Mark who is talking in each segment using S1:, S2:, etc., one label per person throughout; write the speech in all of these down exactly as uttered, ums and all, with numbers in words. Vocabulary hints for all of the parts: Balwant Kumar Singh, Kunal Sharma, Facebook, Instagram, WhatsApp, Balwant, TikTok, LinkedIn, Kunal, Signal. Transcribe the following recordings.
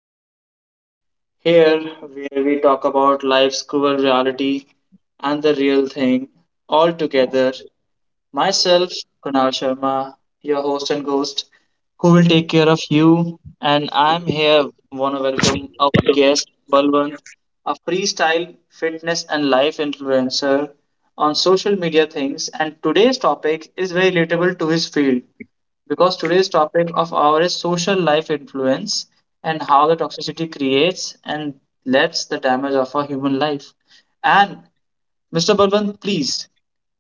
S1: podcast. Here, where we talk about life's cruel reality and the real thing all together. Myself, Kunal Sharma, your host and ghost, who will take care of you. And I'm here, want to welcome our guest, Balwant, a freestyle fitness and life influencer on social media things. And today's topic is very relatable to his field because today's topic of our is social life influence and how the toxicity creates and lets the damage of our human life. And Mister Balwant, please,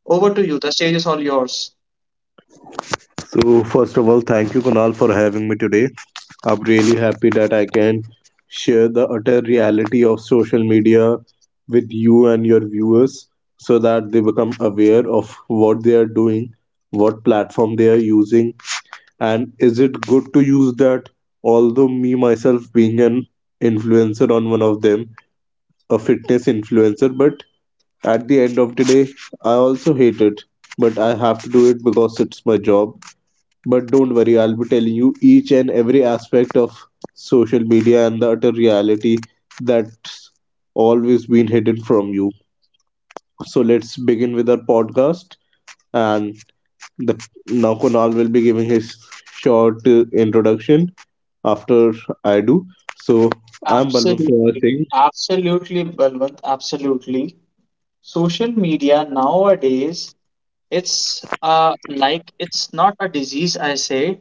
S1: over to you. The stage is all yours.
S2: So, first of all, thank you, Kunal, for having me today. I'm really happy that I can share the utter reality of social media with you and your viewers so that they become aware of what they are doing, what platform they are using, and is it good to use that? Although, me myself being an influencer on one of them, a fitness influencer, but at the end of the day, I also hate it. But I have to do it because it's my job, but don't worry, I'll be telling you each and every aspect of social media and the utter reality that's always been hidden from you. So let's begin with our podcast. And the, now Kunal will be giving his short uh, introduction after I do. So I'm Balwant
S1: Absolutely.
S2: Kumar Singh.
S1: Absolutely, Balwant. Absolutely. Social media nowadays, it's uh like it's not a disease, I say.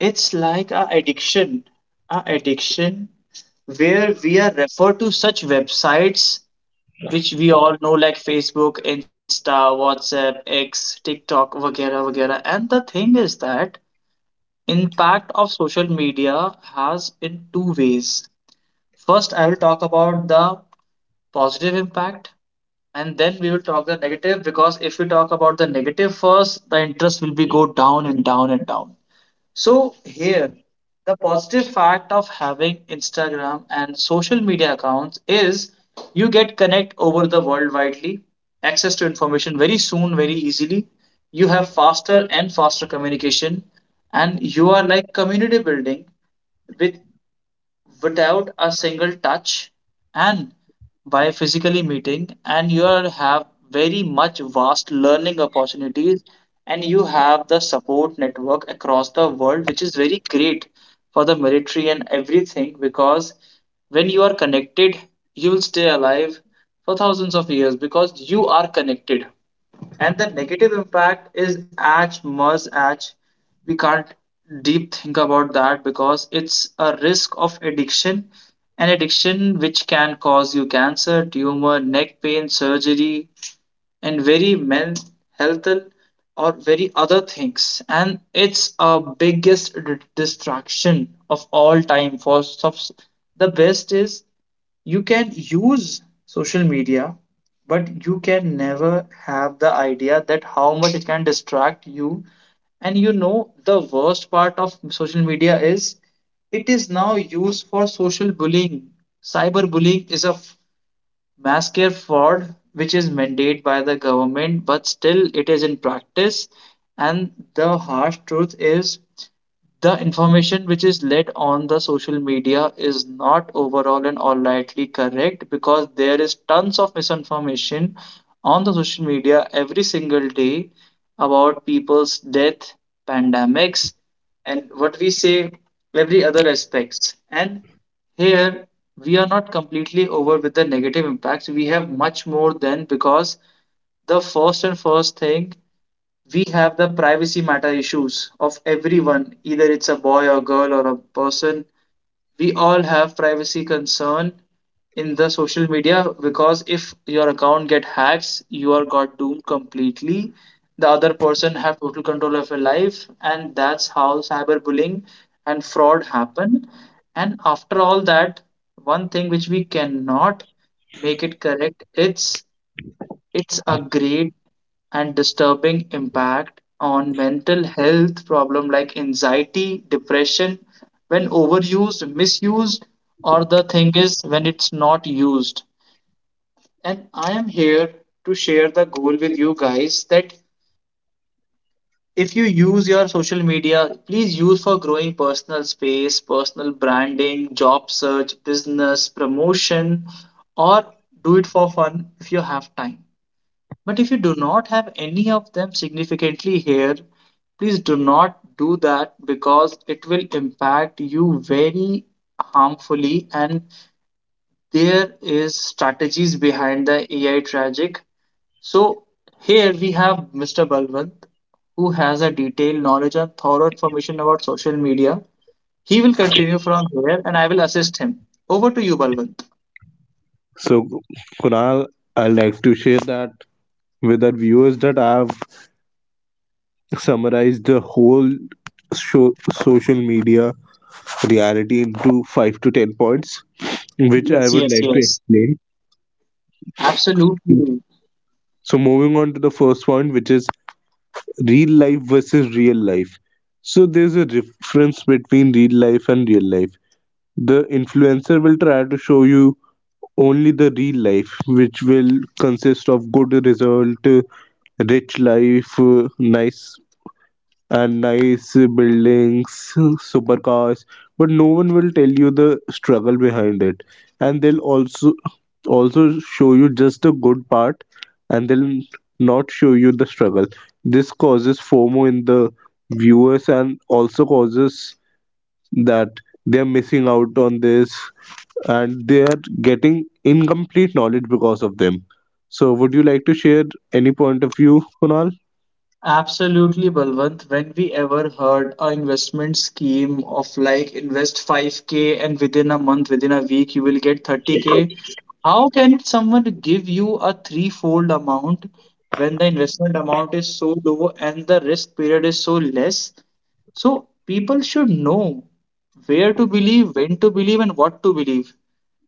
S1: It's like a addiction. A addiction where we are referred to such websites which we all know like Facebook, Insta, WhatsApp, X, TikTok, वगैरह वगैरह. And the thing is that impact of social media has in two ways. First, I will talk about the positive impact, and then we will talk the negative because if we talk about the negative first, the interest will be go down and down and down. So here, the positive fact of having Instagram and social media accounts is you get connect over the world widely, access to information very soon, very easily. You have faster and faster communication, and you are like community building with without a single touch and by physically meeting and you are, have very much vast learning opportunities, and you have the support network across the world which is very great for the military and everything because when you are connected you will stay alive for thousands of years because you are connected. And the negative impact is as much as we can't deep think about that because it's a risk of addiction, an addiction which can cause you cancer, tumor, neck pain, surgery and very men health or very other things. And it's a biggest d- distraction of all time. For subs- the best is you can use social media but you can never have the idea that how much it can distract you. And you know the worst part of social media is it is now used for social bullying. Cyberbullying is a f- mass scare fraud which is mandated by the government but still it is in practice. And the harsh truth is the information which is led on the social media is not overall and all rightly correct because there is tons of misinformation on the social media every single day about people's death, pandemics, and what we say every other aspects. And here we are not completely over with the negative impacts. We have much more than because the first and first thing, we have the privacy matter issues of everyone, either it's a boy or girl or a person. We all have privacy concern in the social media because if your account get hacks you are got doomed completely. The other person have total control of your life and that's how cyberbullying and fraud happen. And after all that, one thing which we cannot make it correct, it's it's a great and disturbing impact on mental health problem like anxiety, depression when overused, misused or the thing is when it's not used. And I am here to share the goal with you guys that if you use your social media, please use for growing personal space, personal branding, job search, business promotion or do it for fun if you have time. But if you do not have any of them significantly here, please do not do that because it will impact you very harmfully. And there is strategies behind the A I tragic. So here we have Mister Balwant who has a detailed knowledge and thorough information about social media. He will continue from here and I will assist him. Over to you, Balwant.
S2: So Kunal, I'd like to share that with our viewers that I've summarized the whole show, social media reality into five to ten points, which I
S1: Yes,
S2: would
S1: yes,
S2: like to
S1: yes.
S2: explain.
S1: Absolutely.
S2: So, moving on to the first point, which is real life versus real life. So, there's a difference between real life and real life. The influencer will try to show you only the real life, which will consist of good result, uh, rich life, uh, nice and nice buildings, supercars, but no one will tell you the struggle behind it. And they'll also also show you just the good part, and they'll not show you the struggle. This causes FOMO in the viewers, and also causes that they're missing out on this, and they are getting incomplete knowledge because of them. So, would you like to share any point of view, Kunal?
S1: Absolutely, Balwant. When we ever heard a investment scheme of like invest five k and within a month, within a week, you will get thirty k? How can someone give you a threefold amount when the investment amount is so low and the risk period is so less? So people should know where to believe, when to believe, and what to believe.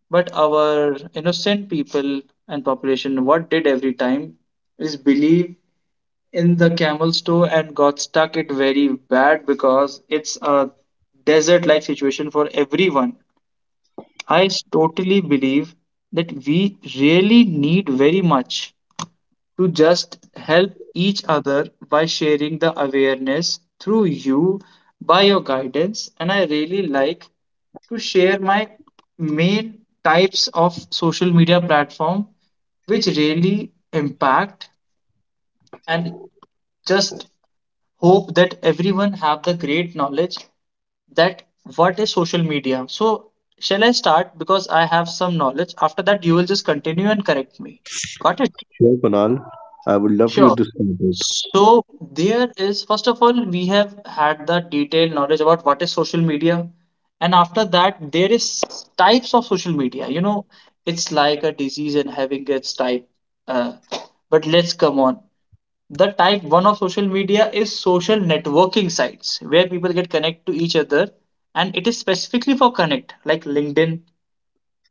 S1: But our innocent people and population, what did every time is believe in the camel store and got stuck it very bad because it's a desert like situation for everyone. I totally believe that we really need very much to just help each other by sharing the awareness through you by your guidance. And I really like to share my main types of social media platform which really impact and just hope that everyone have the great knowledge that what is social media. So shall I start because I have some knowledge. After that, you will just continue and correct me. Got it?
S2: Sure, Kunal. I would love you
S1: Sure.
S2: to start it.
S1: So there is first of all we have had the detailed knowledge about what is social media. And after that there is types of social media, you know, it's like a disease and having its type, uh, but let's come on. The type one of social media is social networking sites where people get connect to each other and it is specifically for connect like LinkedIn,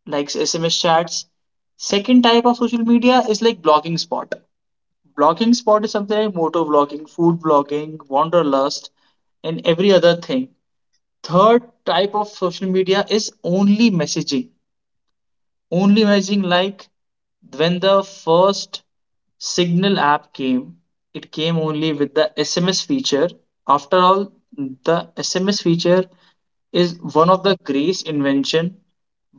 S1: like S M S chats. Second type of social media is like blogging spot. Blogging spot is something like motor blogging, food blogging, wanderlust and every other thing. Third type of social media is only messaging, only imagine. Like when the first Signal app came, it came only with the S M S feature. After all, the S M S feature is one of the great invention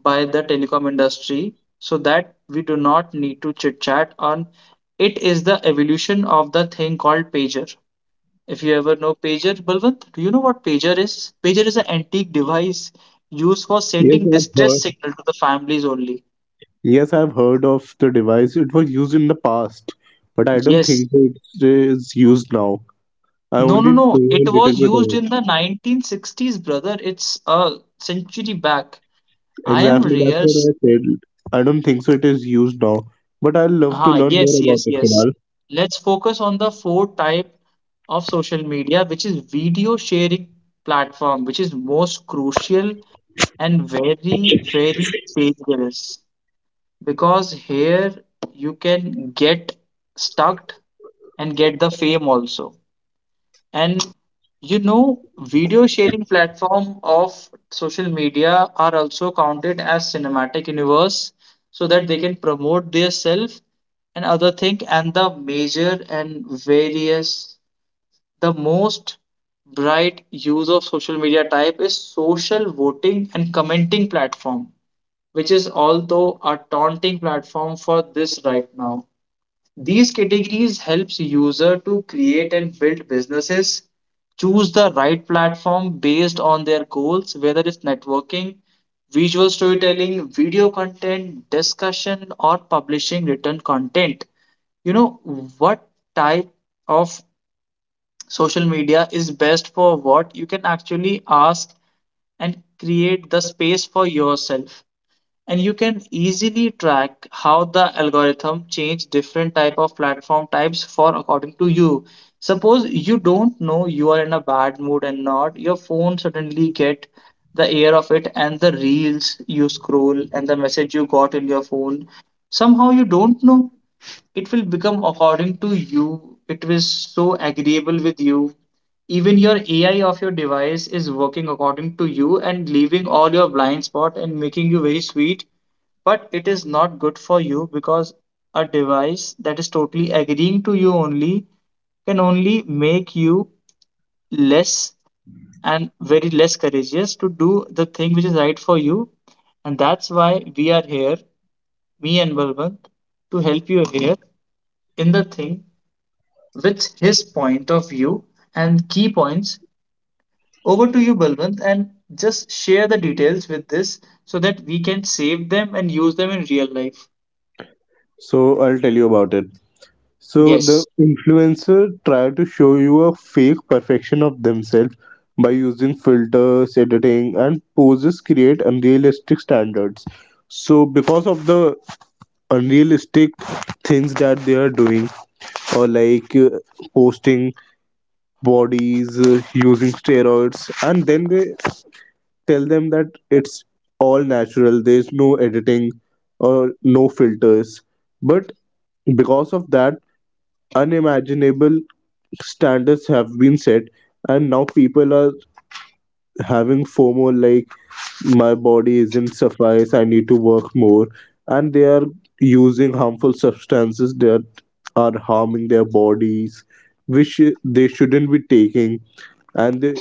S1: by the telecom industry so that we do not need to chit chat on. It is the evolution of the thing called pager. If you ever know pager, Balwant, do you know what pager is? Pager is an antique device used for
S2: Yes,
S1: sending
S2: I've
S1: distress
S2: heard.
S1: signal to the families only.
S2: Yes, I've heard of the device. It was used in the past, but I don't
S1: Yes.
S2: think so it is used now. I
S1: No, no,
S2: only
S1: no.
S2: know
S1: It
S2: a little bit
S1: was used
S2: about. It.
S1: in the nineteen sixties, brother. It's a century back. I am
S2: Exactly, that's what
S1: Reyes.
S2: I said. I don't think so it is used now, but I'd love to
S1: Ah,
S2: learn more
S1: yes,
S2: about
S1: yes,
S2: it,
S1: yes.
S2: Kunal.
S1: Let's focus on the four type of social media, which is video sharing platform, which is most crucial and very, very dangerous. Because here you can get stuck and get the fame also. And you know, video sharing platform of social media are also counted as cinematic universe so that they can promote their self and other thing. And the major and various, the most bright use of social media type is social voting and commenting platform which is although a taunting platform for this right now. These categories helps user to create and build businesses, choose the right platform based on their goals, whether it's networking, visual storytelling, video content, discussion, or publishing written content. You know what type of social media is best for what you can actually ask and create the space for yourself. And you can easily track how the algorithm change different type of platform types for according to you. Suppose you don't know, you are in a bad mood and not your phone suddenly get the air of it and the reels you scroll and the message you got in your phone, somehow you don't know, it will become according to you. It was so agreeable with you. Even your A I of your device is working according to you and leaving all your blind spot and making you very sweet, but it is not good for you because a device that is totally agreeing to you only can only make you less and very less courageous to do the thing which is right for you. And that's why we are here, me and Balwant, to help you here in the thing with his point of view and key points. Over to you, Balwant, and just share the details with this so that we can save them and use them in real life.
S2: So I'll tell you about it. So the
S1: Yes,
S2: influencer tried to show you a fake perfection of themselves by using filters, editing, and poses create unrealistic standards. So because of the unrealistic things that they are doing or like uh, posting bodies uh, using steroids, and then they tell them that it's all natural, there's no editing or no filters, but because of that, unimaginable standards have been set, and now people are having FOMO like, my body isn't suffice, I need to work more. And they are using harmful substances that are harming their bodies, which they shouldn't be taking. And the,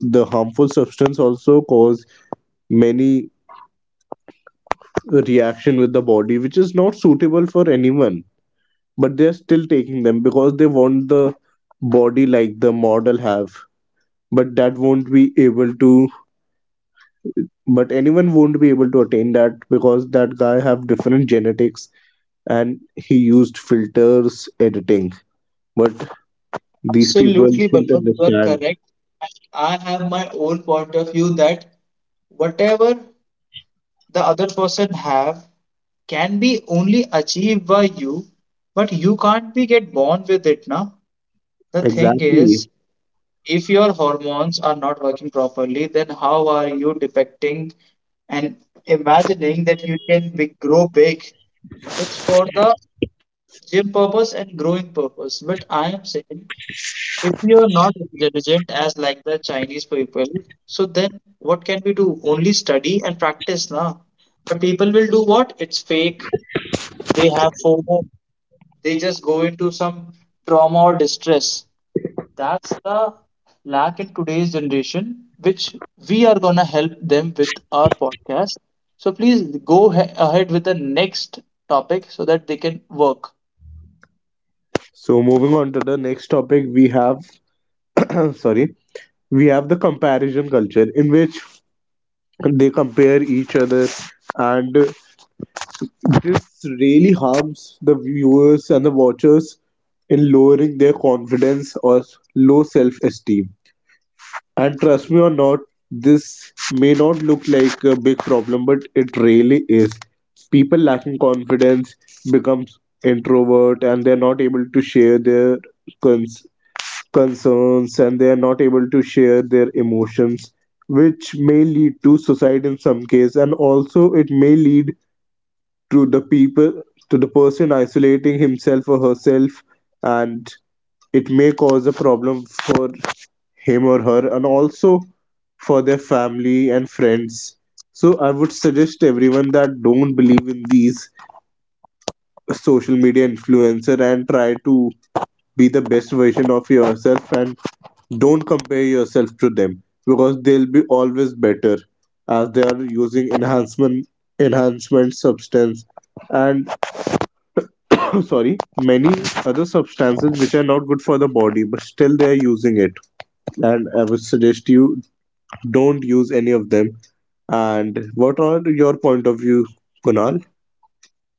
S2: the harmful substance also cause many reaction with the body, which is not suitable for anyone, but they're still taking them because they want the body like the model have. But that won't be able to, but anyone won't be able to attain that because that guy have different genetics and he used filters editing. But these people
S1: absolutely,
S2: should
S1: Balwant, you are
S2: understand
S1: correct. I have my own point of view that whatever the other person have can be only achieved by you, but you can't be get born with it now. The thing
S2: exactly.
S1: is, if your hormones are not working properly, then how are you depicting and imagining that you can be, grow big? It's for the gym purpose and growing purpose. But I am saying, if you're not intelligent as like the Chinese people, so then what can we do? Only study and practice na? But people will do what? It's fake. They have FOMO. They just go into some trauma or distress. That's the lack in today's generation, which we are going to help them with our podcast. So please go he- ahead with the next topic so that they can work.
S2: So moving on to the next topic, we have sorry, we have the comparison culture in which they compare each other, and this really harms the viewers and the watchers in lowering their confidence or low self esteem. And trust me or not, this may not look like a big problem, but it really is. People lacking confidence becomes introvert and they're not able to share their cons- concerns, and they're not able to share their emotions, which may lead to suicide in some case. And also it may lead to the people, to the person isolating himself or herself, and it may cause a problem for him or her and also for their family and friends. So I would suggest everyone that don't believe in these social media influencer and try to be the best version of yourself, and don't compare yourself to them because they'll be always better as they are using enhancement enhancement substance and sorry, many other substances which are not good for the body, but still they are using it, and I would suggest you don't use any of them. And what are your point of view, Kunal?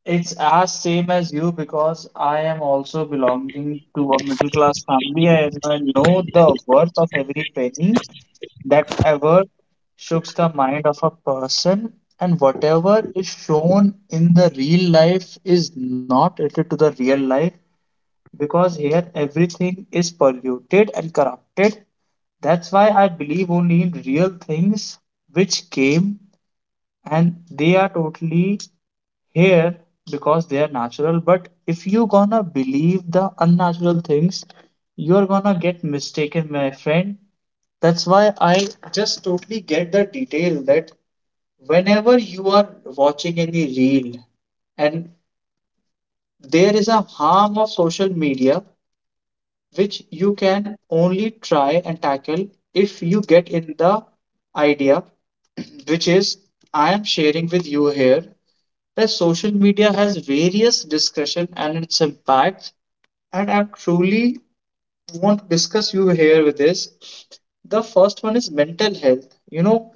S1: It's as same as you because I am also belonging to a middle class family and I know the worth of every penny that ever shooks the mind of a person and whatever is shown in the real life is not related to the real life because here everything is polluted and corrupted. That's why I believe only in real things which came and they are totally here because they are natural. But if you gonna believe the unnatural things, you're gonna get mistaken, my friend. That's why I just totally get the detail that whenever you are watching any reel and there is a harm of social media which you can only try and tackle if you get in the idea, which is I am sharing with you here that social media has various discussion and its impact, and I truly want to discuss you here with this. The first one is mental health. You know,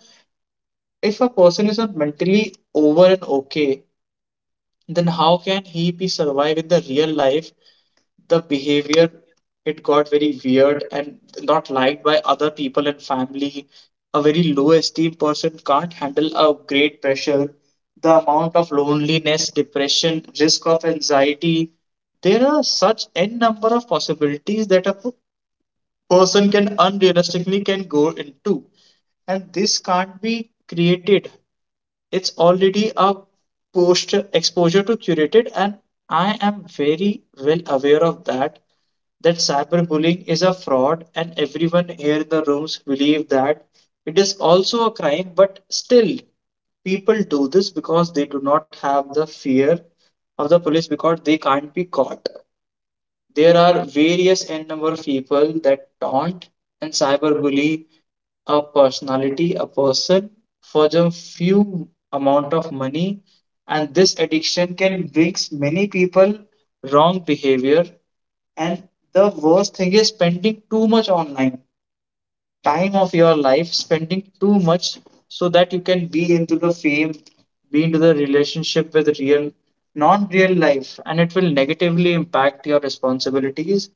S1: if a person is not mentally over and okay, then how can he be survive in the real life? The behavior, it got very weird and not liked by other people and family. A very low esteem person can't handle a great pressure. The amount of loneliness, depression, risk of anxiety, there are such n number of possibilities that a p- person can unrealistically can go into, and this can't be created. It's already a post exposure to curated, and I am very well aware of that, that cyberbullying is a fraud and everyone here in the rooms believe that it is also a crime. But still people do this because they do not have the fear of the police, because they can't be caught. There are various n number of people that taunt and cyberbully a personality, a person for the few amount of money, and this addiction can brings many people wrong behavior. And the worst thing is spending too much online, time of your life spending too much so that you can be into the fame, be into the relationship with real, non real life, and it will negatively impact your responsibilities.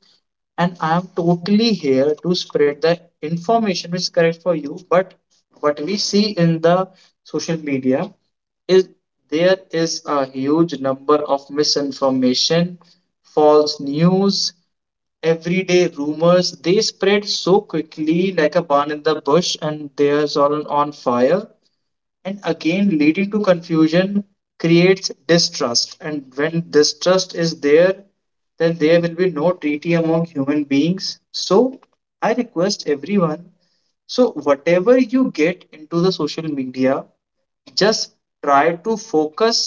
S1: And I am totally here to spread the information which is correct for you. But what we see in the social media is there is a huge number of misinformation, false news, everyday rumors they spread so quickly like a barn in the bush and there's all on fire, and again leading to confusion, creates distrust, and when distrust is there, then there will be no treaty among human beings. So I request everyone, so whatever you get into the social media, just try to focus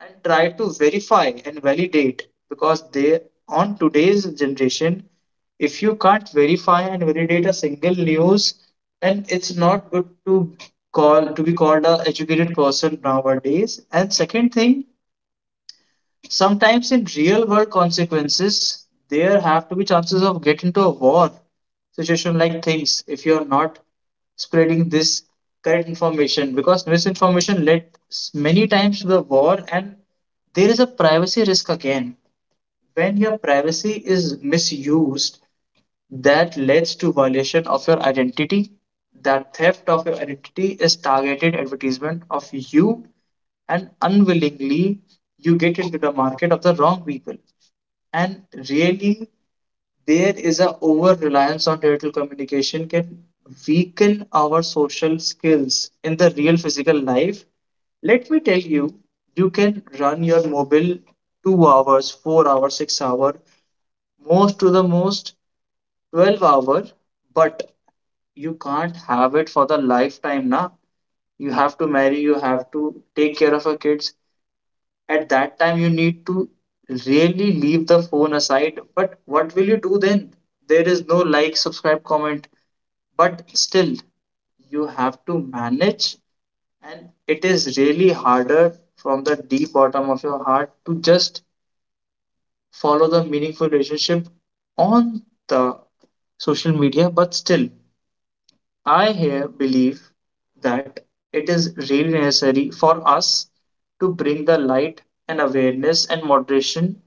S1: and try to verify and validate, because they, on today's generation, if you can't verify and validate a single news, then it's not good to call to be called a educated person nowadays. And second thing, sometimes in real world consequences, there have to be chances of get into a war situation like things, if you are not spreading this correct information, because misinformation led s- many times to the war. And there is a privacy risk again. When your privacy is misused, that leads to violation of your identity, that theft of your identity is targeted advertisement of you, and unwillingly you get into the market of the wrong people. And really, there is a over reliance on digital communication can weaken our social skills in the real physical life. Let me tell you, you can run your mobile two hours, four hours, six hour, most to the most twelve hour, but you can't have it for the lifetime na. You have to marry, you have to take care of your kids. At that time you need to really leave the phone aside. But what will you do then? There is no like, subscribe, comment, but still you have to manage. And it is really harder from the deep bottom of your heart to just follow the meaningful relationship on the social media. But still I here believe that it is really necessary for us to bring the light and awareness and moderation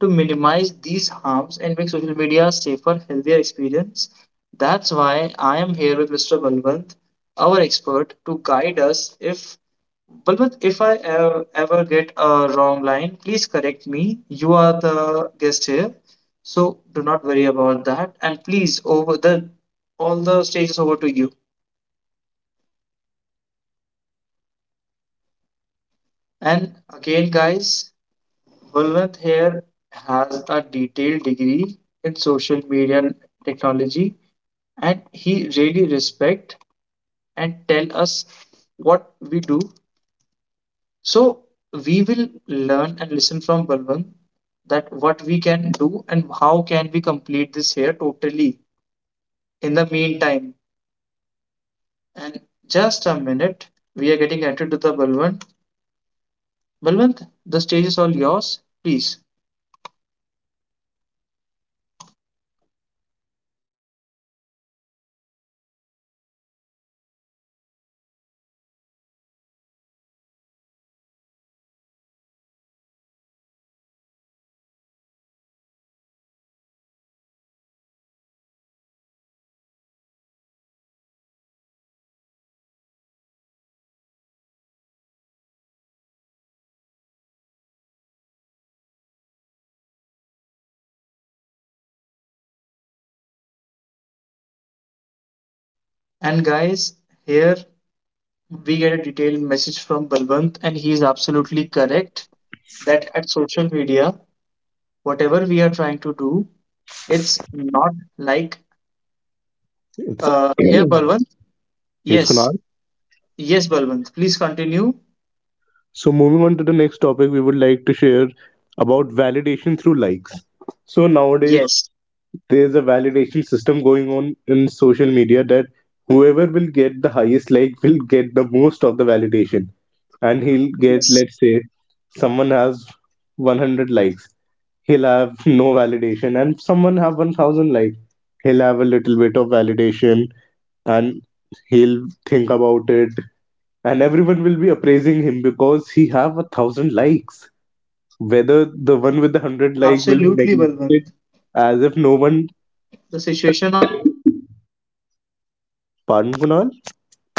S1: to minimize these harms and make social media a safer, healthier experience. That's why I am here with mister Balwant, our expert, to guide us. If Balwant, if I ever, ever get a wrong line, please correct me. You are the guest here, so do not worry about that. And please, over the all the stage is over to you. And again, guys, Gulwant here has a detailed degree in social media technology, and he really respect and tell us what we do. So we will learn and listen from Balwant that what we can do and how can we complete this here totally in the meantime. And just a minute, we are getting connected to the Balwant. Balwant, the stage is all yours, please. And guys, here we get a detailed message from Balwant, and he is absolutely correct that at social media, whatever we are trying to do, it's not like
S2: It's
S1: uh, here, Balwant.
S2: yes, Kunal.
S1: Yes, yes, Balwant. Please continue.
S2: So moving on to the next topic, we would like to share about validation through likes. So nowadays,
S1: Yes,
S2: there's a validation system going on in social media that whoever will get the highest like will get the most of the validation, and he'll get,
S1: yes,
S2: let's say, someone has one hundred likes, he'll have no validation, and someone have one thousand like, he'll have a little bit of validation, and he'll think about it, and everyone will be appraising him because he have a thousand likes, whether the one with the hundred like will be
S1: absolutely,
S2: neglected
S1: Balwant.
S2: as if no one.
S1: The situation of likes here brings very
S2: Pardon,
S1: disarm
S2: Kunal.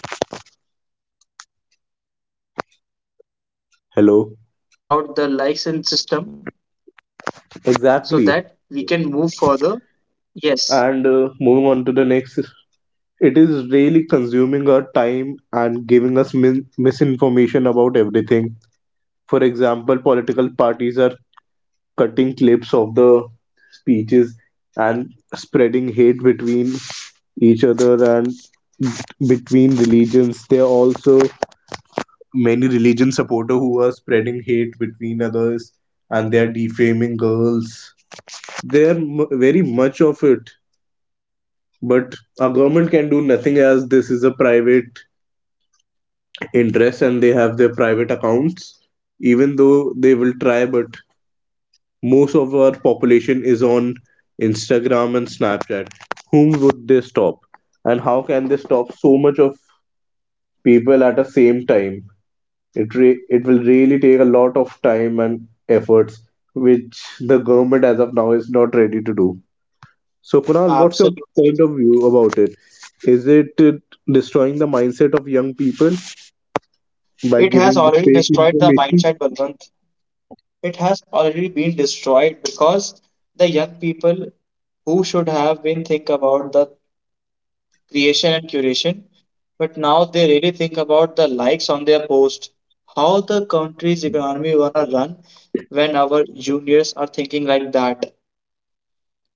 S1: and very un uh, but I want your
S2: Hello.
S1: explanation about the likes and system so that we can move
S2: Exactly.
S1: further. Yes.
S2: And uh, moving on to the next, it is really consuming our time and giving us min- misinformation about everything. For example, political parties are cutting clips of the speeches and spreading hate between each other and between religions. There are also many religion supporter who are spreading hate between others, and they are defaming girls. There are m- very much of it. But our government can do nothing as this is a private interest and they have their private accounts. Even though they will try, but most of our population is on Instagram and Snapchat. Whom would they stop? And how can they stop so much of people at the same time? It re- it will really take a lot of time and efforts, which the government as of now is not ready to do. So Kunal, what's your
S1: Absolutely.
S2: point of view about it? Is it uh, destroying the mindset of young people by
S1: It has
S2: giving the
S1: already
S2: fake
S1: destroyed the
S2: information?
S1: mindset, Balwant. It has already been destroyed because the young people who should have been think about the creation and curation, but now they really think about the likes on their post, how the country's economy gonna run when our juniors are thinking like that.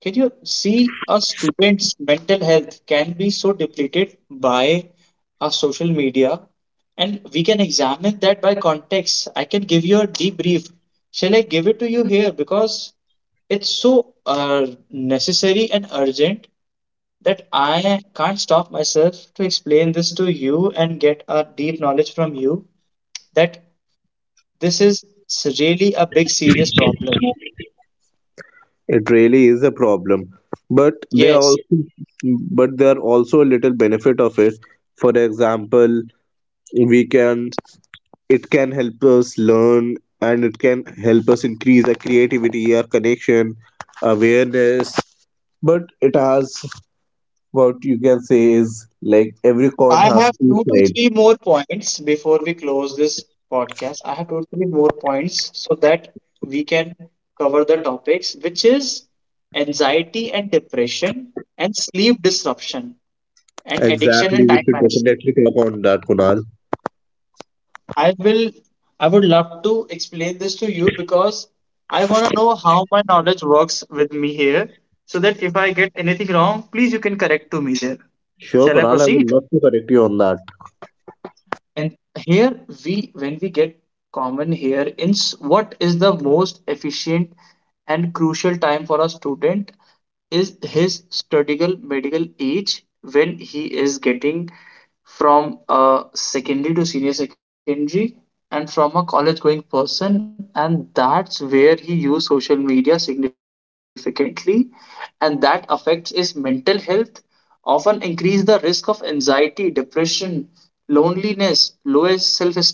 S1: Can you see a student's mental health can be so depleted by our social media? And we can examine that by context. I can give you a debrief. Shall I give it to you here? Because it's so uh, necessary and urgent that I can't stop myself to explain this to you and get a deep knowledge from you, that this is really a big serious problem.
S2: It really is a problem, but there are
S1: Yes,
S2: also, but there are also a little benefit of it. For example, we can, it can help us learn, and it can help us increase our creativity, our connection, awareness. But it has, what you can say is like every coin
S1: I
S2: has
S1: have
S2: two
S1: two to
S2: sides.
S1: three more points before we close this podcast. I have two to three more points so that we can cover the topics, which is anxiety and depression, and sleep disruption, and addiction
S2: Exactly,
S1: and
S2: we
S1: time
S2: should
S1: management.
S2: definitely talk on that, Kunal.
S1: I will, I would love to explain this to you because I want to know how my knowledge works with me here, so that if I get anything wrong, please you can correct to me there.
S2: Sure,
S1: Shall I
S2: Kunal, I would
S1: proceed?
S2: love to correct you on that.
S1: And here we when we get common here in, what is the most efficient and crucial time for a student is his studial medical age when he is getting from a secondary to senior secondary and from a college going person, and that's where he use social media significantly, and that affects his mental health, often increase the risk of anxiety, depression, loneliness, lowest self esteem.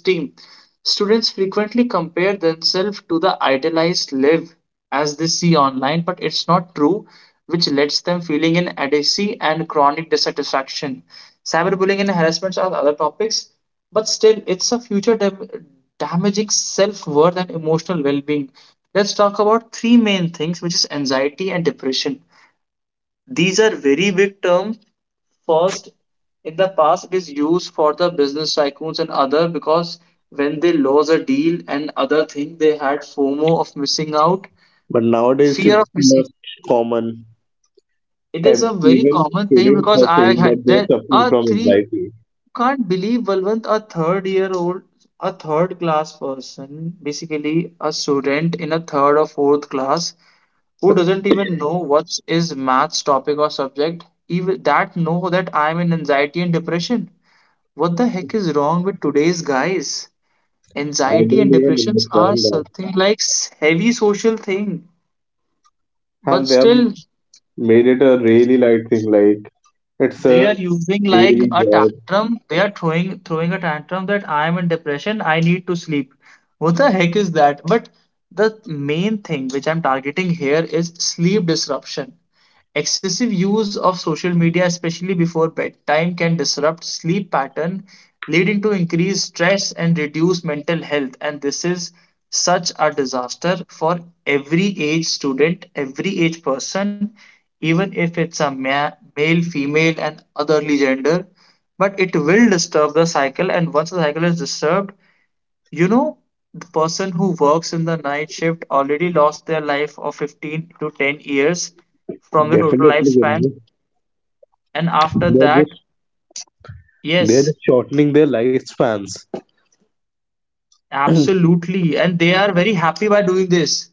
S1: Students frequently compare themselves to the idealized life as they see online, but it's not true, which lets them feeling in adequacy and chronic dissatisfaction. Cyberbullying and harassments are other topics, but still, it's a future dam- damaging self worth and emotional well being. Let's talk about three main things, which is anxiety and depression. These are very big terms. First, in the past, it is used for the business tycoons and other because when they lose a deal and other thing, they had FOMO of missing out,
S2: But nowadays it's
S1: fear of missing.
S2: most common.
S1: It
S2: Ev-
S1: is a very
S2: Even
S1: common thing
S2: students
S1: because
S2: are
S1: I
S2: saying
S1: had
S2: that they
S1: there
S2: are suffering
S1: are
S2: from
S1: three.
S2: anxiety.
S1: Can't believe, Balwant, a third year old, a third class person, basically a student in a third or fourth class, who doesn't even know what is maths topic or subject, even that know that I am in anxiety and depression. What the heck is wrong with today's guys?
S2: I
S1: Anxiety
S2: don't
S1: and
S2: even
S1: depressions are
S2: understand that.
S1: something like s- heavy social thing,
S2: And
S1: but
S2: they have
S1: still
S2: made it a really light thing, like it's
S1: they
S2: a
S1: are using like
S2: daily
S1: a
S2: job.
S1: tantrum. They are throwing throwing a tantrum that I am in depression. I need to sleep. What the heck is that? But the main thing which I'm targeting here is sleep disruption. Excessive use of social media, especially before bedtime, can disrupt sleep pattern, leading to increased stress and reduced mental health. And this is such a disaster for every age student, every age person, even if it's a ma- male, female, and otherly gender, but it will disturb the cycle. And once the cycle is disturbed, you know, the person who works in the night shift already lost their life of fifteen to ten years from the total
S2: Definitely,
S1: lifespan.
S2: you,
S1: And after
S2: they're
S1: that,
S2: just, they're
S1: yes.
S2: just shortening their lifespans.
S1: Absolutely. And they are very happy by doing this.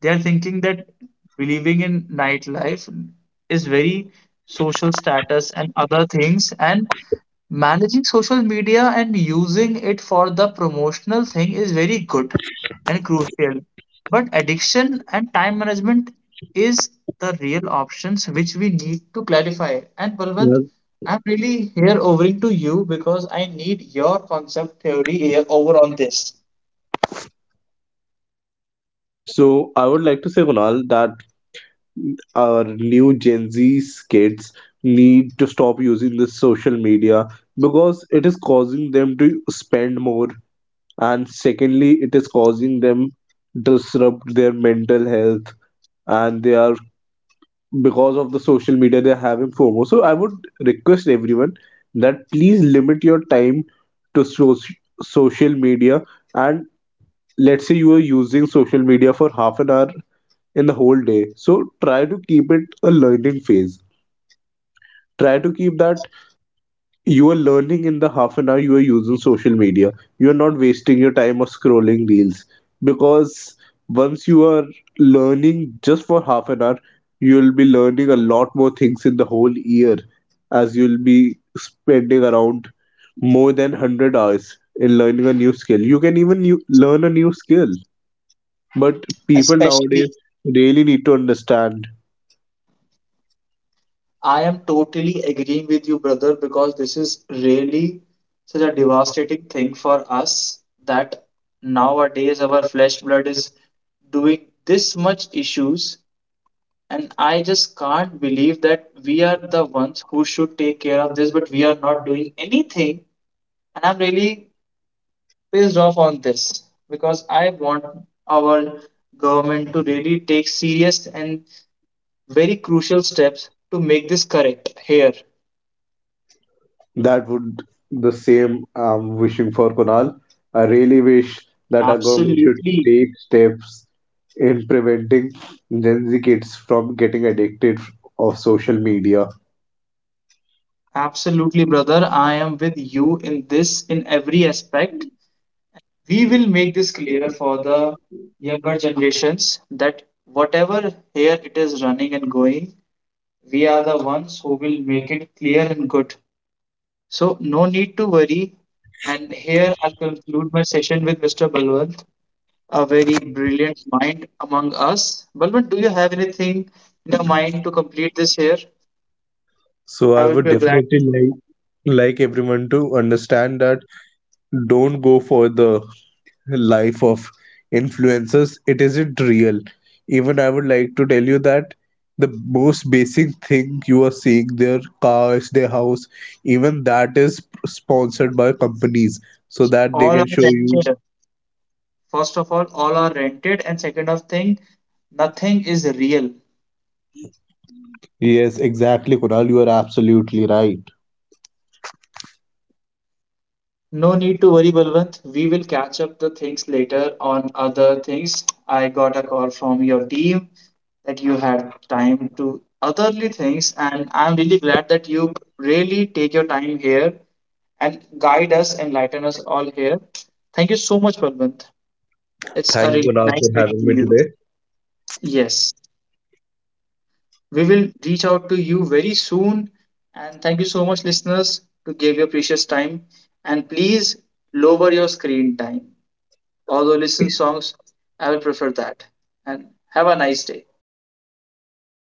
S1: They are thinking that believing in nightlife is very social status and other things. And managing social media and using it for the promotional thing is very good and crucial. But addiction and time management is the real options which we need to clarify. And
S2: Yeah.
S1: Balwant, I'm really here overing to you because I need your concept theory here over on this.
S2: So I would like to say, Kunal, that our new Gen Z kids need to stop using this social media because it is causing them to spend more, and secondly it is causing them disrupt their mental health, and they are, because of the social media, they are having FOMO. So I would request everyone that please limit your time to so- social media. And let's say you are using social media for half an hour in the whole day, so try to keep it a learning phase. Try to keep that you are learning in the half an hour you are using social media. You are not wasting your time of scrolling reels, because once you are learning just for half an hour, you'll be learning a lot more things in the whole year, as you'll be spending around more than one hundred hours in learning a new skill. You can even new, learn a new skill, but people
S1: Especially,
S2: nowadays really need to understand.
S1: I am totally agreeing with you, brother, because this is really such a devastating thing for us that nowadays our flesh blood is doing this much issues. And I just can't believe that we are the ones who should take care of this, but we are not doing anything. And I'm really pissed off on this because I want our government to really take serious and very crucial steps to make this correct here.
S2: That would, the same I'm wishing for, Kunal. I really wish that our government should
S1: Absolutely.
S2: take steps in preventing Gen Z kids from getting addicted of social media.
S1: Absolutely, brother. I am with you in this in every aspect. We will make this clearer for the younger generations that whatever here it is running and going, we are the ones who will make it clear and good. So, no need to worry. And here I'll conclude my session with mister Balwant, a very brilliant mind among us. Balwant, do you have anything in your mind to complete this here?
S2: So
S1: I
S2: I
S1: will
S2: would
S1: be glad to
S2: definitely
S1: know.
S2: like like everyone to understand that don't go for the life of influencers, it isn't real. Even I would like to tell you that the most basic thing, you are seeing their cars, their house, even that is sponsored by companies so that they
S1: All are
S2: can show you.
S1: rented. First of all, all are rented. And second of thing, nothing is real.
S2: Yes, exactly, Kunal, you are absolutely right.
S1: No need to worry, Balwant. We will catch up the things later on other things. I got a call from your team that you had time to otherly things, and I'm really glad that you really take your time here and guide us, enlighten us all here. Thank you so much, Balwant. It's a
S2: Thank you,
S1: really
S2: Kunal, for
S1: nice meeting
S2: having
S1: to
S2: me
S1: you.
S2: today.
S1: Yes, we will reach out to you very soon. And thank you so much, listeners, to give your precious time. And please lower your screen time. Although listen songs, I will prefer that. And have a nice day.
S2: Have a